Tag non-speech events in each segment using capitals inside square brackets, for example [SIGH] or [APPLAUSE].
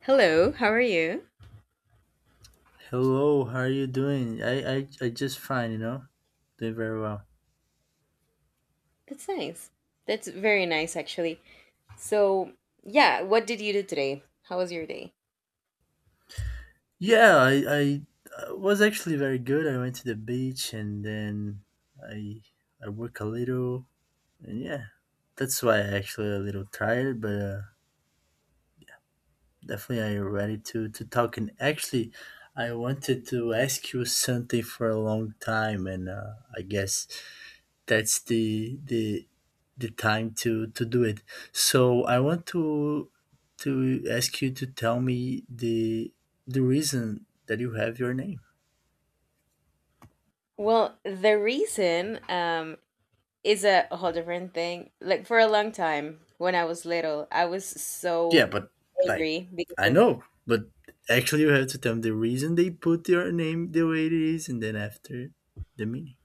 Hello, how are you? Hello, how are you doing? I just fine, you know? Doing very well. That's nice. That's very nice, actually. So, yeah, what did you do today? How was your day? Yeah, I was actually very good. I went to the beach and then I I work a little and yeah. That's why I actually a little tired, but definitely I ready to talk and actually I wanted to ask you something for a long time and I guess that's the time to do it. So I want to ask you to tell me the reason that you have your name. Well, the reason is a whole different thing. Like, for a long time, when I was little, I was so Yeah, but like angry because I of. know, but actually you have to tell me the reason they put your name the way it is, and then after the meaning.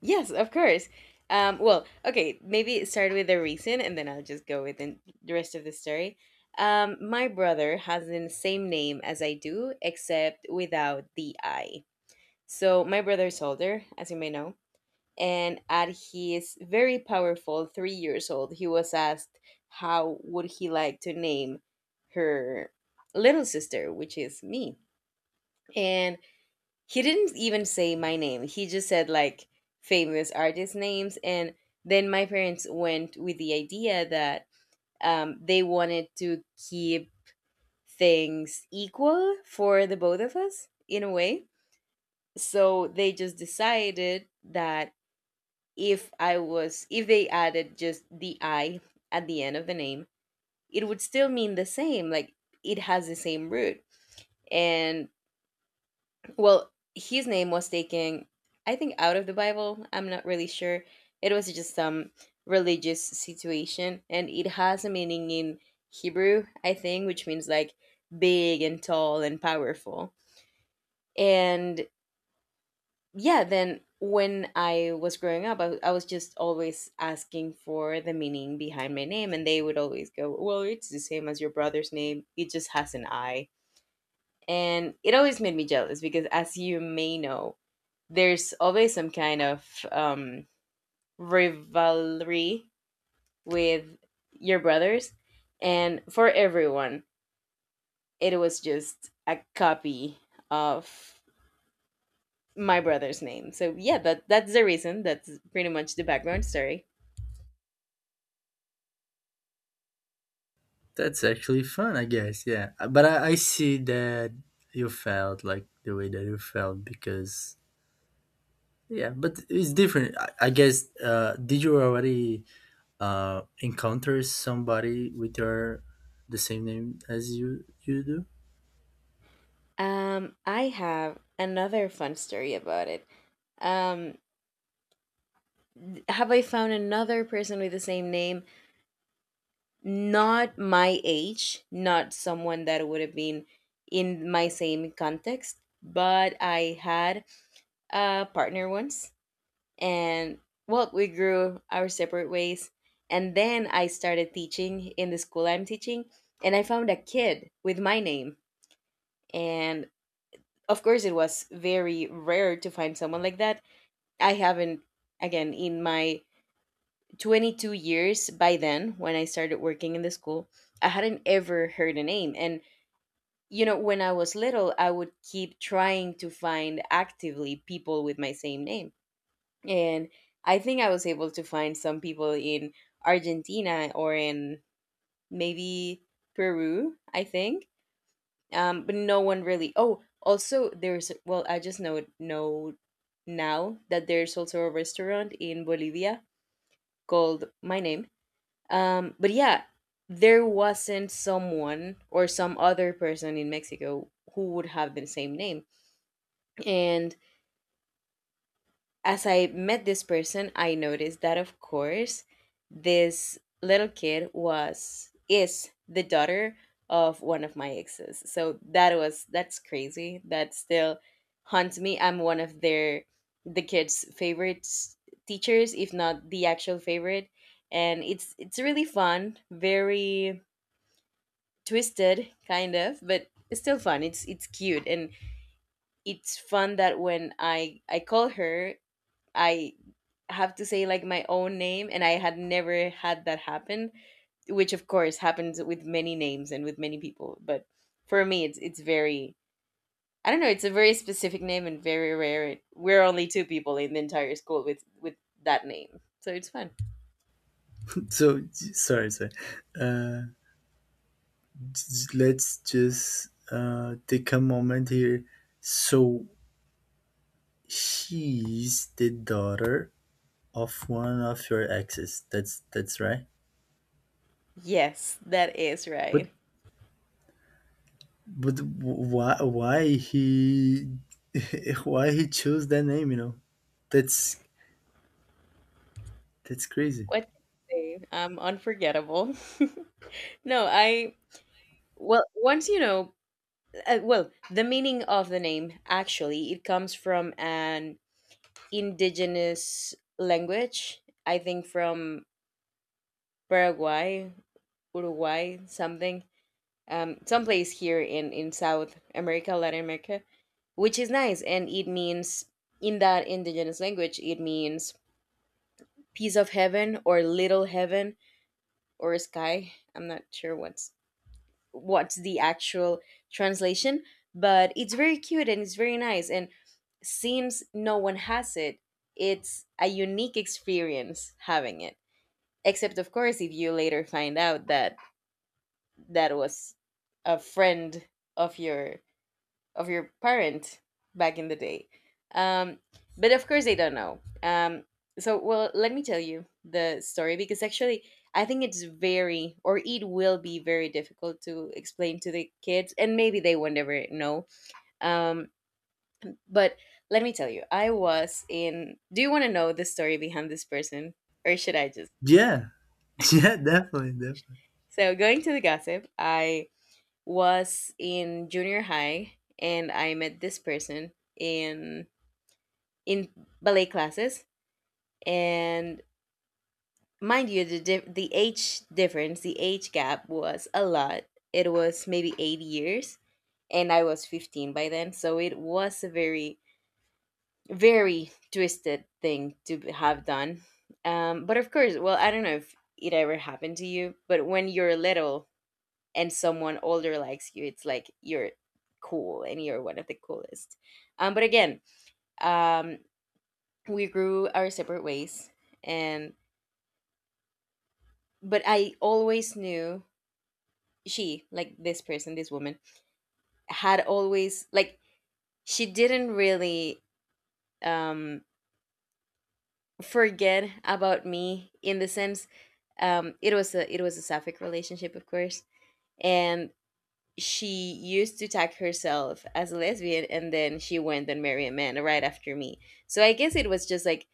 Yes, of course. Well, okay, maybe start with the reason and then I'll just go with the rest of the story. My brother has the same name as I do, except without the I. So my brother is older, as you may know, and at his very powerful 3 years old, he was asked how would he like to name her little sister, which is me. And he didn't even say my name. He just said like famous artist names. And then my parents went with the idea that they wanted to keep things equal for the both of us in a way. So they just decided that if I was if they added just the I at the end of the name, it would still mean the same. Like it has the same root. And well, his name was taken, I think, out of the Bible. I'm not really sure. It was just some religious situation, and it has a meaning in Hebrew, I think, which means like big and tall and powerful. And yeah, then when I was growing up, I was just always asking for the meaning behind my name, and they would always go, well, it's the same as your brother's name, it just has an i. And it always made me jealous because, as you may know, there's always some kind of rivalry with your brothers, and for everyone it was just a copy of my brother's name. So yeah, that's the reason, that's pretty much the background story. That's actually fun, I guess. Yeah, but I see that you felt like the way that you felt because yeah, but it's different. I guess. Did you already encounters somebody with your the same name as you do. I have another fun story about it. Um, have I found another person with the same name? Not my age, not someone that would have been in my same context, but I had a partner once, and well, we grew our separate ways. And then I started teaching in the school I'm teaching, and I found a kid with my name. And of course, it was very rare to find someone like that. I haven't, again, in my 22 years by then, when I started working in the school, I hadn't ever heard a name. And, you know, when I was little, I would keep trying to find actively people with my same name. And I think I was able to find some people in Argentina or in maybe Peru, I think. But no one really. Oh, also, there's, well, I just know now that there's also a restaurant in Bolivia called My Name. But yeah, there wasn't someone or some other person in Mexico who would have the same name. And as I met this person, I noticed that, of course, this little kid was is the daughter of one of my exes. So that's crazy. That still haunts me. I'm one of the kids' favorite teachers, if not the actual favorite. And it's really fun, very twisted, kind of, but it's still fun. It's cute, and it's fun that when I call her, I have to say like my own name, and I had never had that happen, which of course happens with many names and with many people. But for me it's very, I don't know, it's a very specific name and very rare. We're only two people in the entire school with that name. So it's fun. [LAUGHS] So sorry, uh, let's just take a moment here. So she is the daughter of one of your exes, that's right. Yes, that is But right. why he [LAUGHS] why he chose that name, you know? That's that's crazy. What can I say? I'm unforgettable. [LAUGHS] No, I, well, once you know, well, the meaning of the name actually, it comes from an indigenous language. I think from Paraguay, Uruguay, something, someplace here in South America, Latin America, which is nice. And it means, in that indigenous language, it means piece of heaven or little heaven or sky. I'm not sure what's the actual translation, but it's very cute and it's very nice. And since no one has it, it's a unique experience having it. Except, of course, if you later find out that that was a friend of your parent back in the day. Um, but of course, they don't know. So, well, let me tell you the story, because actually, I think it's very, or it will be very difficult to explain to the kids, and maybe they will never know. Um, but let me tell you, I was in. Do you want to know the story behind this person, or should I just? Yeah. [LAUGHS] Yeah, definitely. So, going to the gossip, I was in junior high and I met this person in in ballet classes. And mind you, the the age difference, the age gap was a lot. It was maybe 8 years, and I was 15 by then, so it was a very, very twisted thing to have done. But of course, well, I don't know if it ever happened to you, but when you're little and someone older likes you, it's like you're cool and you're one of the coolest. But again, um, we grew our separate ways, and but I always knew she, like this person, this woman, had always, like, she didn't really um forget about me in the sense, it was a sapphic relationship, of course. And she used to tag herself as a lesbian, and then she went and married a man right after me. So I guess it was just like,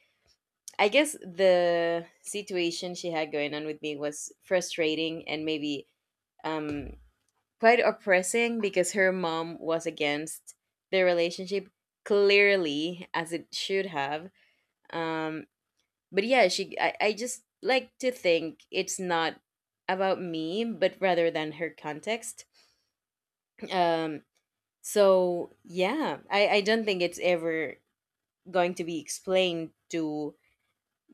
I guess the situation she had going on with me was frustrating, and maybe um quite oppressing, because her mom was against the relationship, clearly as it should have. Um but yeah, I just like to think it's not about me, but rather than her context. Um So yeah, I don't think it's ever going to be explained to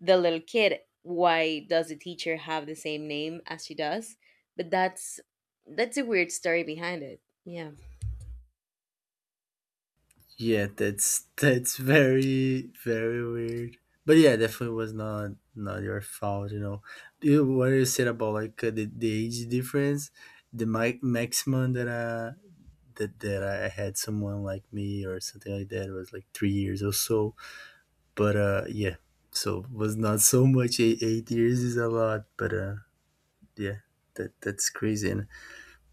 the little kid why does the teacher have the same name as she does. But that's a weird story behind it. Yeah. Yeah, that's very very weird. But yeah, definitely was not your fault, you know. You, what you said about like the, age difference, the maximum that I that that I had someone like me or something like that was like 3 years or so. But yeah, so was not so much. Eight years is a lot, but yeah, that's crazy. And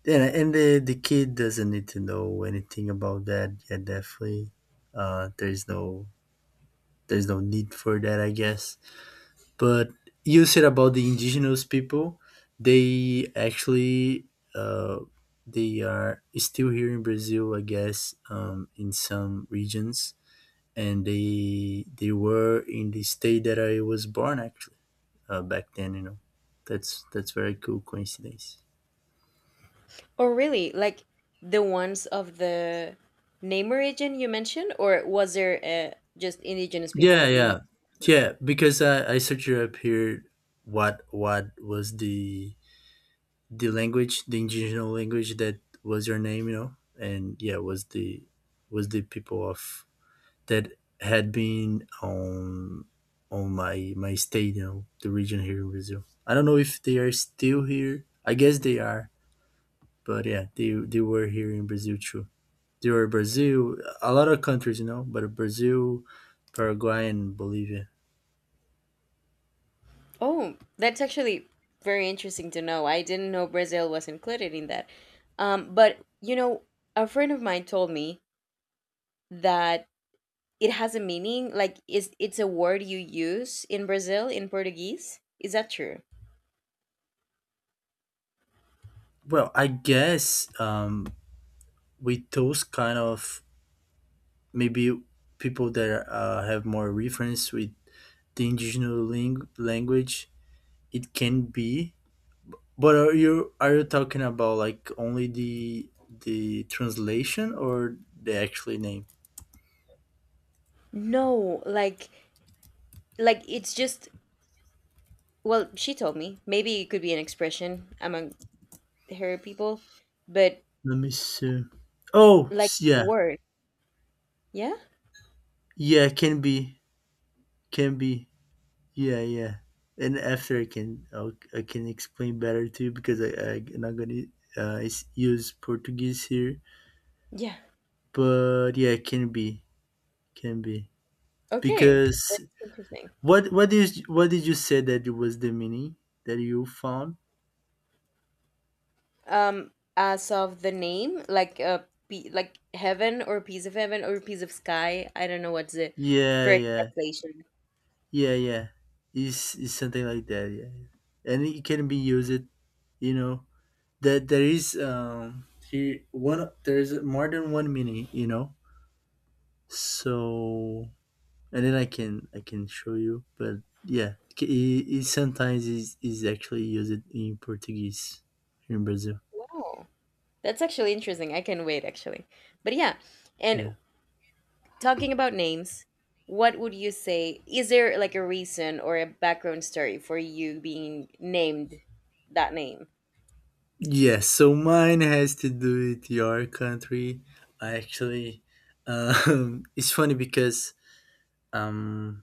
the kid doesn't need to know anything about that. Yeah, definitely uh, there's no there's no need for that, I guess. But you said about the indigenous people, they actually uh, they are still here in Brazil, I guess, in some regions, and they were in the state that I was born actually back then. You know, that's very cool coincidence. Or really, like the ones of the name origin you mentioned, or was there just indigenous people Yeah, in? yeah, yeah. Because I searched up here what was the language, the indigenous language that was your name, you know, and yeah, was the people of that had been on on my state, you know, the region here in Brazil. I don't know if they are still here. I guess they are, but yeah, they were here in Brazil too. They were Brazil, a lot of countries, you know, but Brazil, Paraguay, and Bolivia. Oh, that's actually very interesting to know. I didn't know Brazil was included in that. But you know, a friend of mine told me that it has a meaning? Like, is it's a word you use in Brazil in Portuguese? Is that true? Well, I guess with those kind of maybe people that have more reference with the indigenous language, it can be. But are you talking about like only the translation or the actual name? No, like it's just, well, she told me. Maybe it could be an expression among her people, but Let me see. Oh, like a yeah. word. Yeah? Yeah, can be, can be. Yeah, yeah. And after I can explain better to you because I'm not gonna use Portuguese here. Yeah. But yeah, can be, can be. Okay. Because. That's interesting. What is what did you say that it was, the mini that you found? Um as of the name, like a like heaven or piece of heaven or piece of sky, I don't know what's the Yeah, correct yeah, translation. yeah, yeah. It's something like that. Yeah, and it can be used. You know that there is, here one, there is more than one mini. You know, so and then I can show you. But yeah, it sometimes is actually used in Portuguese here in Brazil. Wow. That's actually interesting. I can wait actually. But yeah, and Yeah. talking about names, what would you say? Is there like a reason or a background story for you being named that name? Yes, so mine has to do with your country. I actually, [LAUGHS] it's funny because um,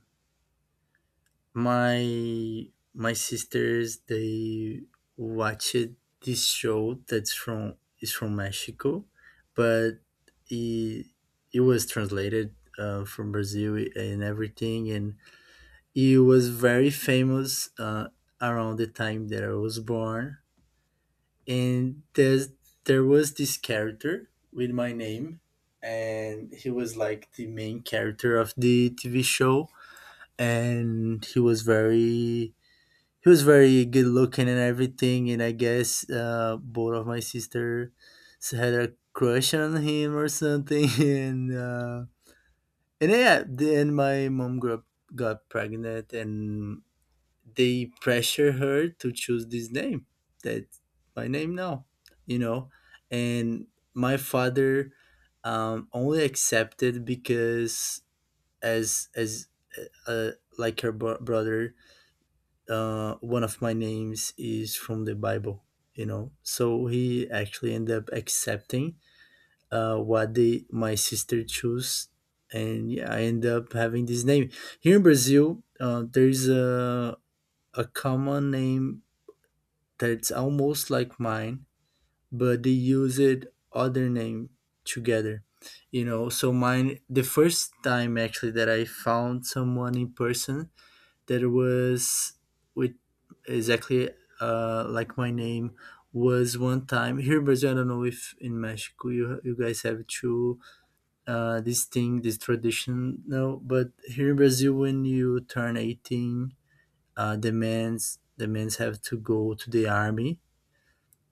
my my sisters they watched this show that's from is from Mexico, but it it was translated from Brazil and everything, and it was very famous around the time that I was born. And there was this character with my name, and he was like the main character of the TV show. And he was very, he was very good looking and everything, and I guess both of my sisters had a crush on him or something. [LAUGHS] And yeah, then my mom grew up, got pregnant, and they pressure her to choose this name. That's my name now, you know. And my father only accepted because as uh, uh, like her brother, one of my names is from the Bible, you know. So he actually ended up accepting what they my sister chose, and yeah, I end up having this name here in Brazil. There is a common name that's almost like mine, but they use it other name together. You know, so mine, the first time actually that I found someone in person that was with exactly like my name, was one time here in Brazil. I don't know if in Mexico you guys have to, this thing, this tradition now, but here in Brazil when you turn 18, the men's have to go to the army,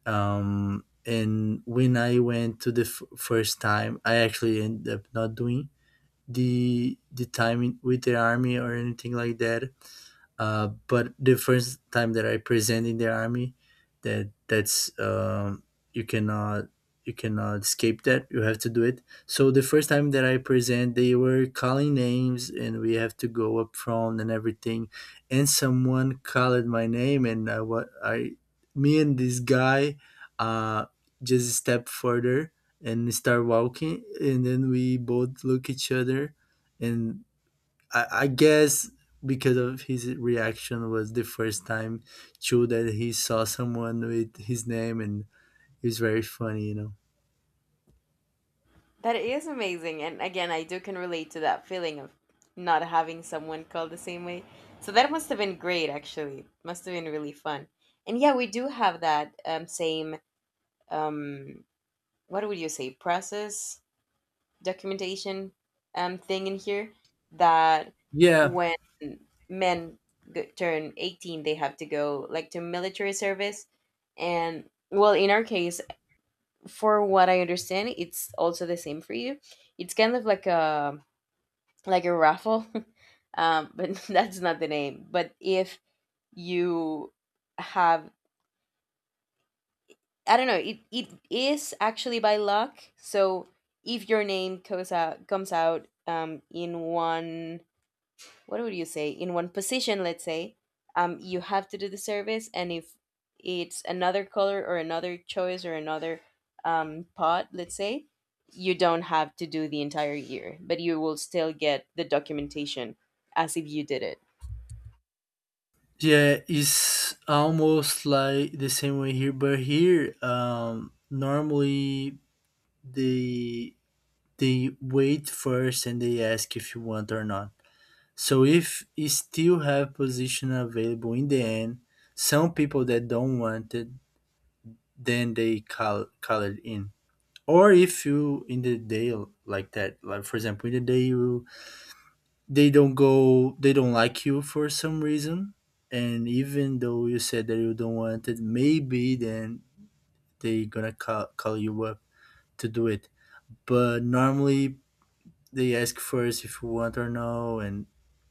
and when I went to the first time, I actually ended up not doing the time in, with the army or anything like that. But the first time that I present in the army, that that's you cannot, you cannot escape that. You have to do it. So the first time that I present, they were calling names, and we have to go up front and everything. And someone called my name, and I, what I me and this guy uh, just step further and start walking, and then we both look each other, and I guess because of his reaction, was the first time too that he saw someone with his name. And it was very funny, you know. That is amazing. And again, I do can relate to that feeling of not having someone called the same way. So that must have been great actually. Must have been really fun. And yeah, we do have that same, um what would you say, process, documentation, thing in here, that Yeah, when men turn 18, they have to go like to military service. And well, in our case, for what I understand, it's also the same for you, it's kind of like a, raffle. [LAUGHS] But [LAUGHS] that's not the name, but if you have, I don't know, it is actually by luck. So if your name comes out in one, what would you say, in one position, let's say, you have to do the service. And if it's another color or another choice or another pot, let's say, you don't have to do the entire year, but you will still get the documentation as if you did it. yeah, it's almost like the same way here, but here, normally they they wait first and they ask if you want or not. So if you still have position available in the end, some people that don't want it, then they call it in. Or if you in the day, like that, like for example, in the day you, they don't go, they don't like you for some reason, and even though you said that you don't want it, maybe then they gonna call you up to do it. But normally they ask first if you want or no. and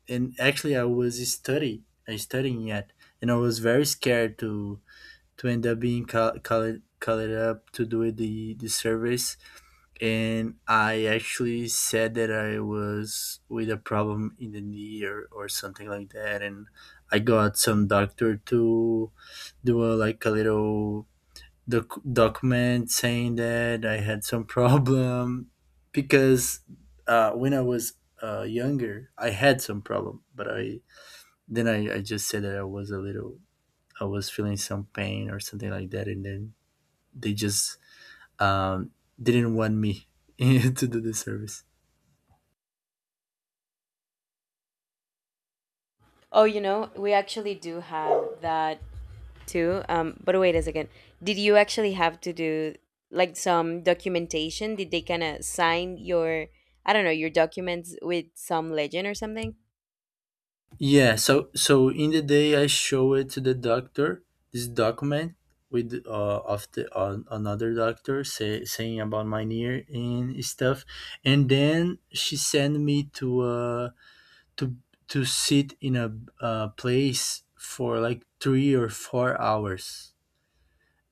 and actually I studying yet, and I was very scared to end up being called, call it up to do the service. And I actually said that I was with a problem in the knee or something like that, and I got some doctor to do a, like a little document saying that I had some [LAUGHS] problem because when I was younger, I had some problem, but I just said that I was feeling some pain or something like that, and then they just um, didn't want me [LAUGHS] to do the service. Oh, you know, we actually do have that too. But wait a second, did you actually have to do like some documentation? Did they kind of sign your, I don't know, your documents with some legend or something? Yeah, so so in the day I show it to the doctor, this document with of the on another doctor saying about my knee and stuff, and then she sent me to to sit in a place for like 3 or 4 hours,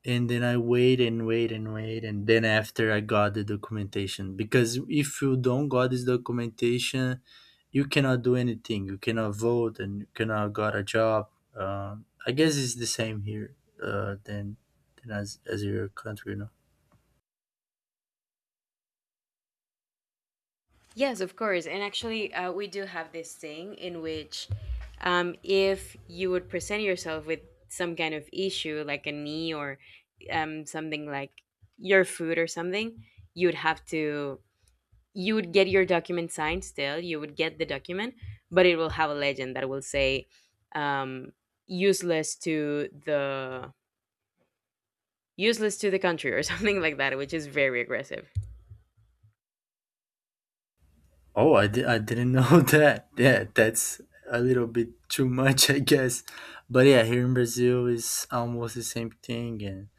and then I wait and wait and wait, and then after I got the documentation, because if you don't got this documentation, you cannot do anything. You cannot vote, and you cannot got a job. Uh, I guess it's the same here, uh, than than as your country, you know. Yes, of course. And actually, we do have this thing in which, if you would present yourself with some kind of issue, like a knee or something like your foot or something, you would have to, you would get your document signed still. You would get the document, but it will have a legend that will say, um, useless to the country or [LAUGHS] something like that, which is very aggressive. Oh, I I didn't know [LAUGHS] that. Yeah, that's a little bit too much, I guess. But yeah, here in Brazil is almost the same thing. And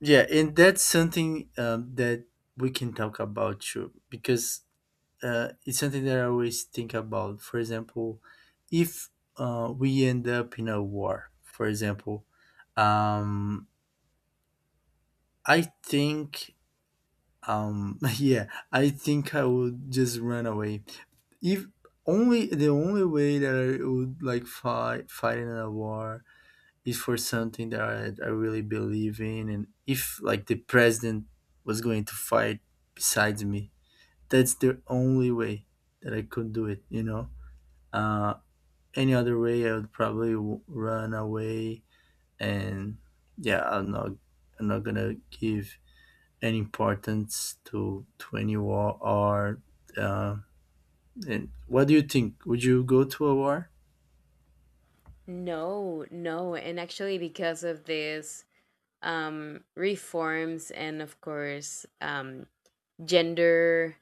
yeah, and that's something that we can talk about too, because it's something that I always think about. For example, if we end up in a war, for example, um, I think, [LAUGHS] yeah, I think I would just run away. If only, the only way that I would like fight in a war is for something that I really believe in, and if like the president was going to fight besides me, that's the only way that I could do it. You know. Uh, any other way, I would probably run away. And yeah, I'm not gonna give any importance to any war or. Uh, and what do you think? Would you go to a war? No, no, and actually because of this reforms, and of course, gender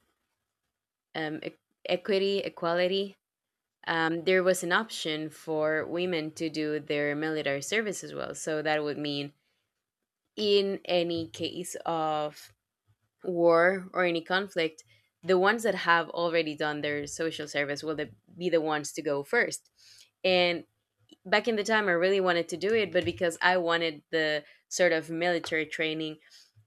um, e- equity equality. There was an option for women to do their military service as well, so that would mean in any case of war or any conflict, the ones that have already done their social service will be the ones to go first. And back in the time I really wanted to do it, but because I wanted the sort of military training,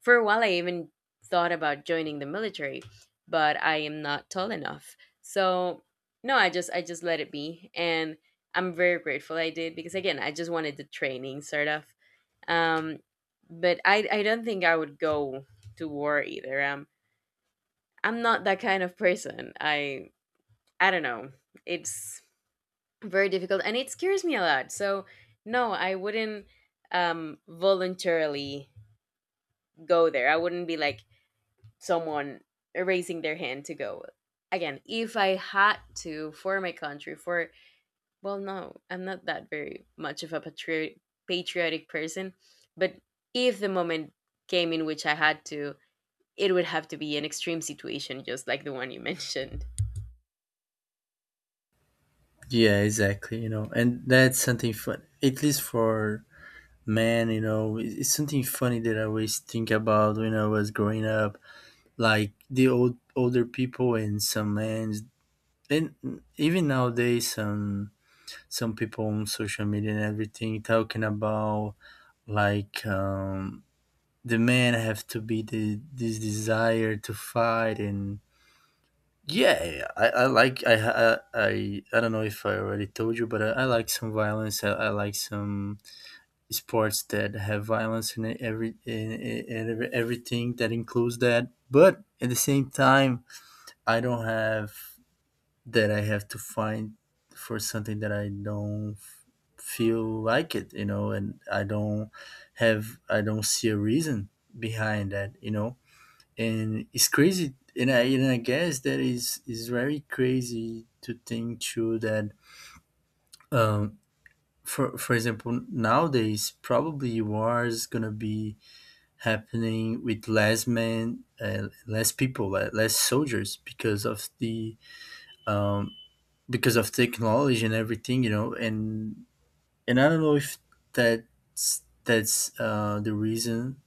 for a while I even thought about joining the military, but I am not tall enough. So no, I just let it be, and I'm very grateful I did, because again I just wanted the training sort of. Um, but I don't think I would go to war either. I'm not that kind of person. I don't know. It's very difficult and it scares me a lot, so no, I wouldn't voluntarily go there. I wouldn't be like someone raising their hand to go. Again, if I had to, for my country, for, well, no, I'm not that very much of a patriot, patriotic person, but if the moment came in which I had to, it would have to be an extreme situation just like the one you [LAUGHS] mentioned. Yeah, exactly. You know, and that's something fun. At least for men, you know, it's something funny that I always think about when I was growing up. Like the old, older people and some men, and even nowadays, some people on social media and everything talking about like the men have to be the this desire to fight. And yeah, I don't know if I already told you, but I like some violence, I like some sports that have violence in it, everything that includes that. But at the same time, I don't have that I have to find for something that I don't feel like it, you know, and I don't see a reason behind that, you know, and it's crazy. And I guess that is very crazy to think too that, um, for example, nowadays probably war is gonna be happening with less men, less people, less soldiers because of the um, because of technology and everything, you know. And I don't know if that's the reason,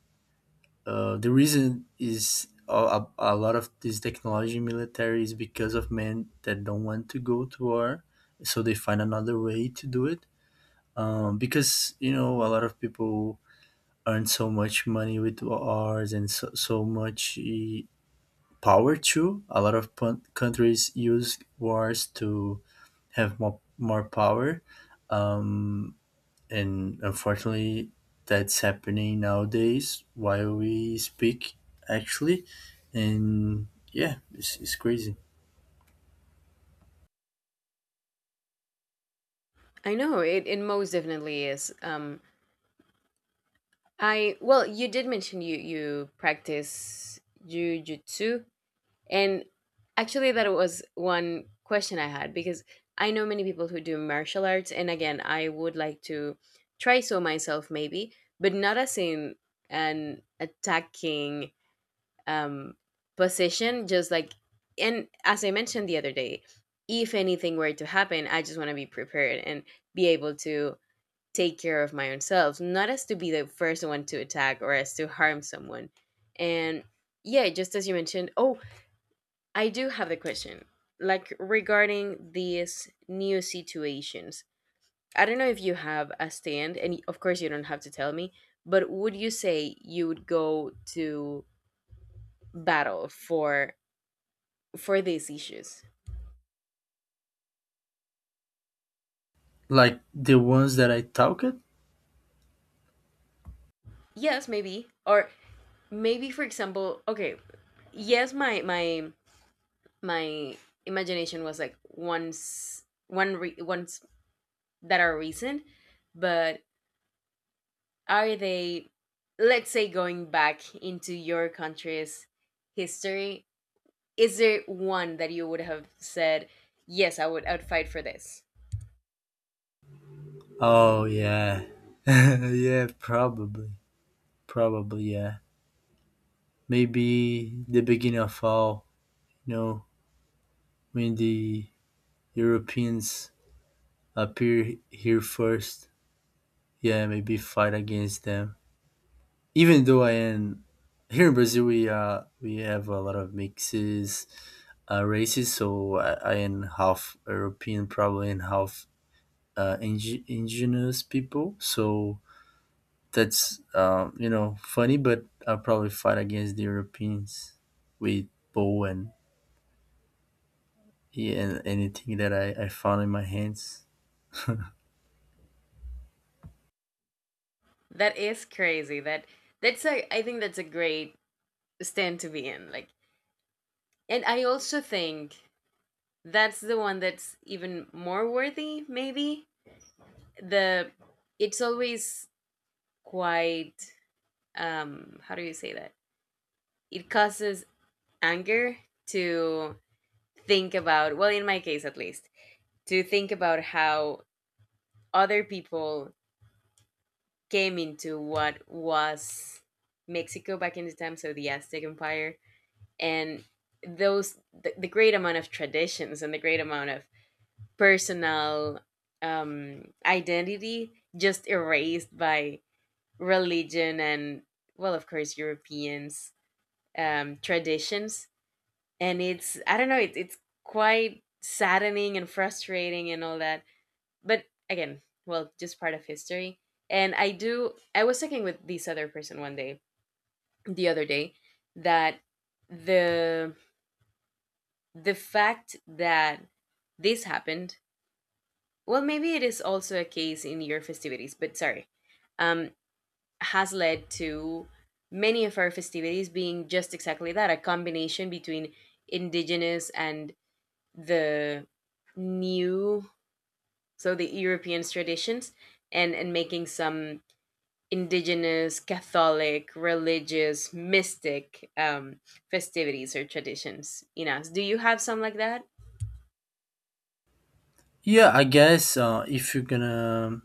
the reason is a lot of this technology military is because of men that don't want to go to war, so they find another way to do it. Because you know, a lot of people earn so much money with wars and so much power too. A lot of countries use wars to have more power. Um, and unfortunately, that's happening nowadays while we speak, actually. And yeah, it's crazy. I know it, it most definitely is. I, well, you did mention you practice jujitsu, and actually that was one question I had, because I know many people who do martial arts, and again, I would like to try so myself maybe, but not as in an attacking um position. Just like, and as I mentioned the other day, if anything were to happen, I just want to be prepared and be able to take care of my own self, not as to be the first one to attack or as to harm someone. And yeah, just as you mentioned, oh, I do have the question, like regarding these new situations. I don't know if you have a stand, and of course you don't have to tell me, but would you say you would go to battle for these issues? Like the ones that I talked. Yes, maybe, or maybe for example, okay, yes, my imagination was like ones, ones that are recent, but are they, let's say going back into your country's history, is there one that you would have said, yes, I would, I'd fight for this? Oh yeah, [LAUGHS] yeah, probably, yeah. Maybe the beginning of all, you know, when the Europeans appear here first. Yeah, maybe fight against them. Even though I am here in Brazil, we have a lot of mixes, races. So I am half European, probably, and half indigenous people. So that's you know, funny, but I probably fight against the Europeans with bow and yeah, and anything that I found in my hands. That is crazy. That, that's a I think that's a great stand to be in, like, and I also think that's the one that's even more worthy maybe. The, it's always quite, how do you say that, it causes anger to think about, well in my case at least, to think about how other people came into what was Mexico back in the time, so the Aztec Empire, and those, the great amount of traditions and the great amount of personal identity just erased by religion and, well of course, Europeans traditions. And it's, I don't know, it, it's quite saddening and frustrating and all that. But again, well, just part of history. And I was talking with this other person one day, the other day, that the fact that this happened, well maybe it is also a case in your festivities, but sorry. Um has led to many of our festivities being just exactly that, a combination between indigenous and the new, so the European traditions, and making some indigenous, Catholic, religious, mystic, festivities or traditions. In us, do you have some like that? Yeah, I guess if you're gonna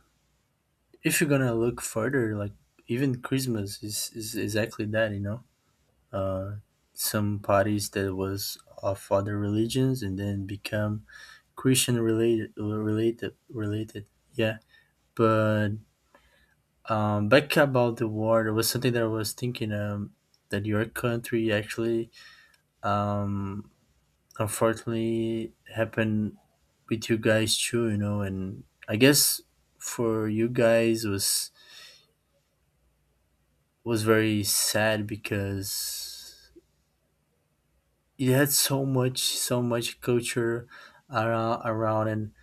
if you're gonna look further, like even Christmas is exactly that, you know. uh, some parties that was of other religions and then become Christian related. Yeah, but back about the war, there was something that I was thinking, that your country actually um, unfortunately happened with you guys too, you know, and I guess for you guys, was very sad because it had so much culture around, around and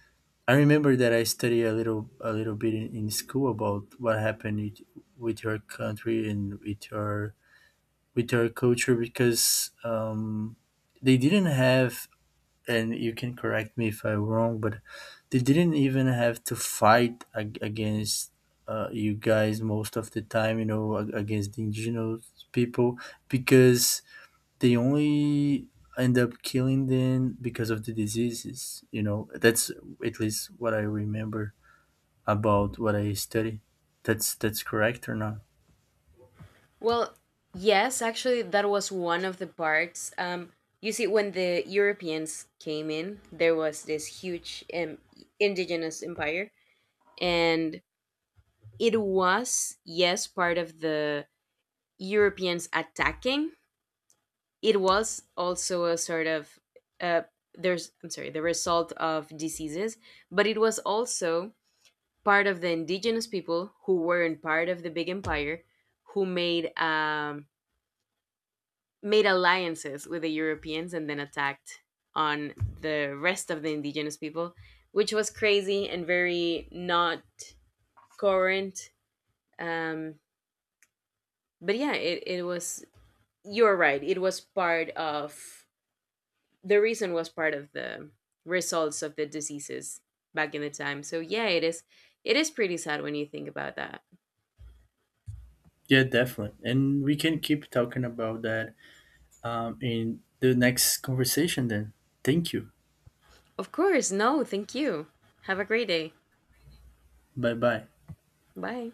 I remember that I studied a little bit in school about what happened with your country and with your culture because they didn't have, and you can correct me if I'm wrong, but they didn't even have to fight against you guys most of the time, you know, against the indigenous people because they only end up killing them because of the diseases, you know. That's at least what I remember about what I study. That's correct or not? Well yes, actually that was one of the parts. You see, when the Europeans came in there was this huge indigenous empire, and it was, yes, part of the Europeans attacking, it was also a sort of, uh, there's I'm sorry, the result of diseases, but it was also part of the indigenous people who weren't part of the big empire, who made made alliances with the Europeans and then attacked on the rest of the indigenous people, which was crazy and very not current. um, but yeah, it was, you're right, it was part of, the reason was part of the results of the diseases back in the time. So yeah, it is, it is pretty sad when you think about that. Yeah, definitely. And we can keep talking about that in the next conversation then. Thank you. Of course, no, thank you. Have a great day. Bye bye. Bye.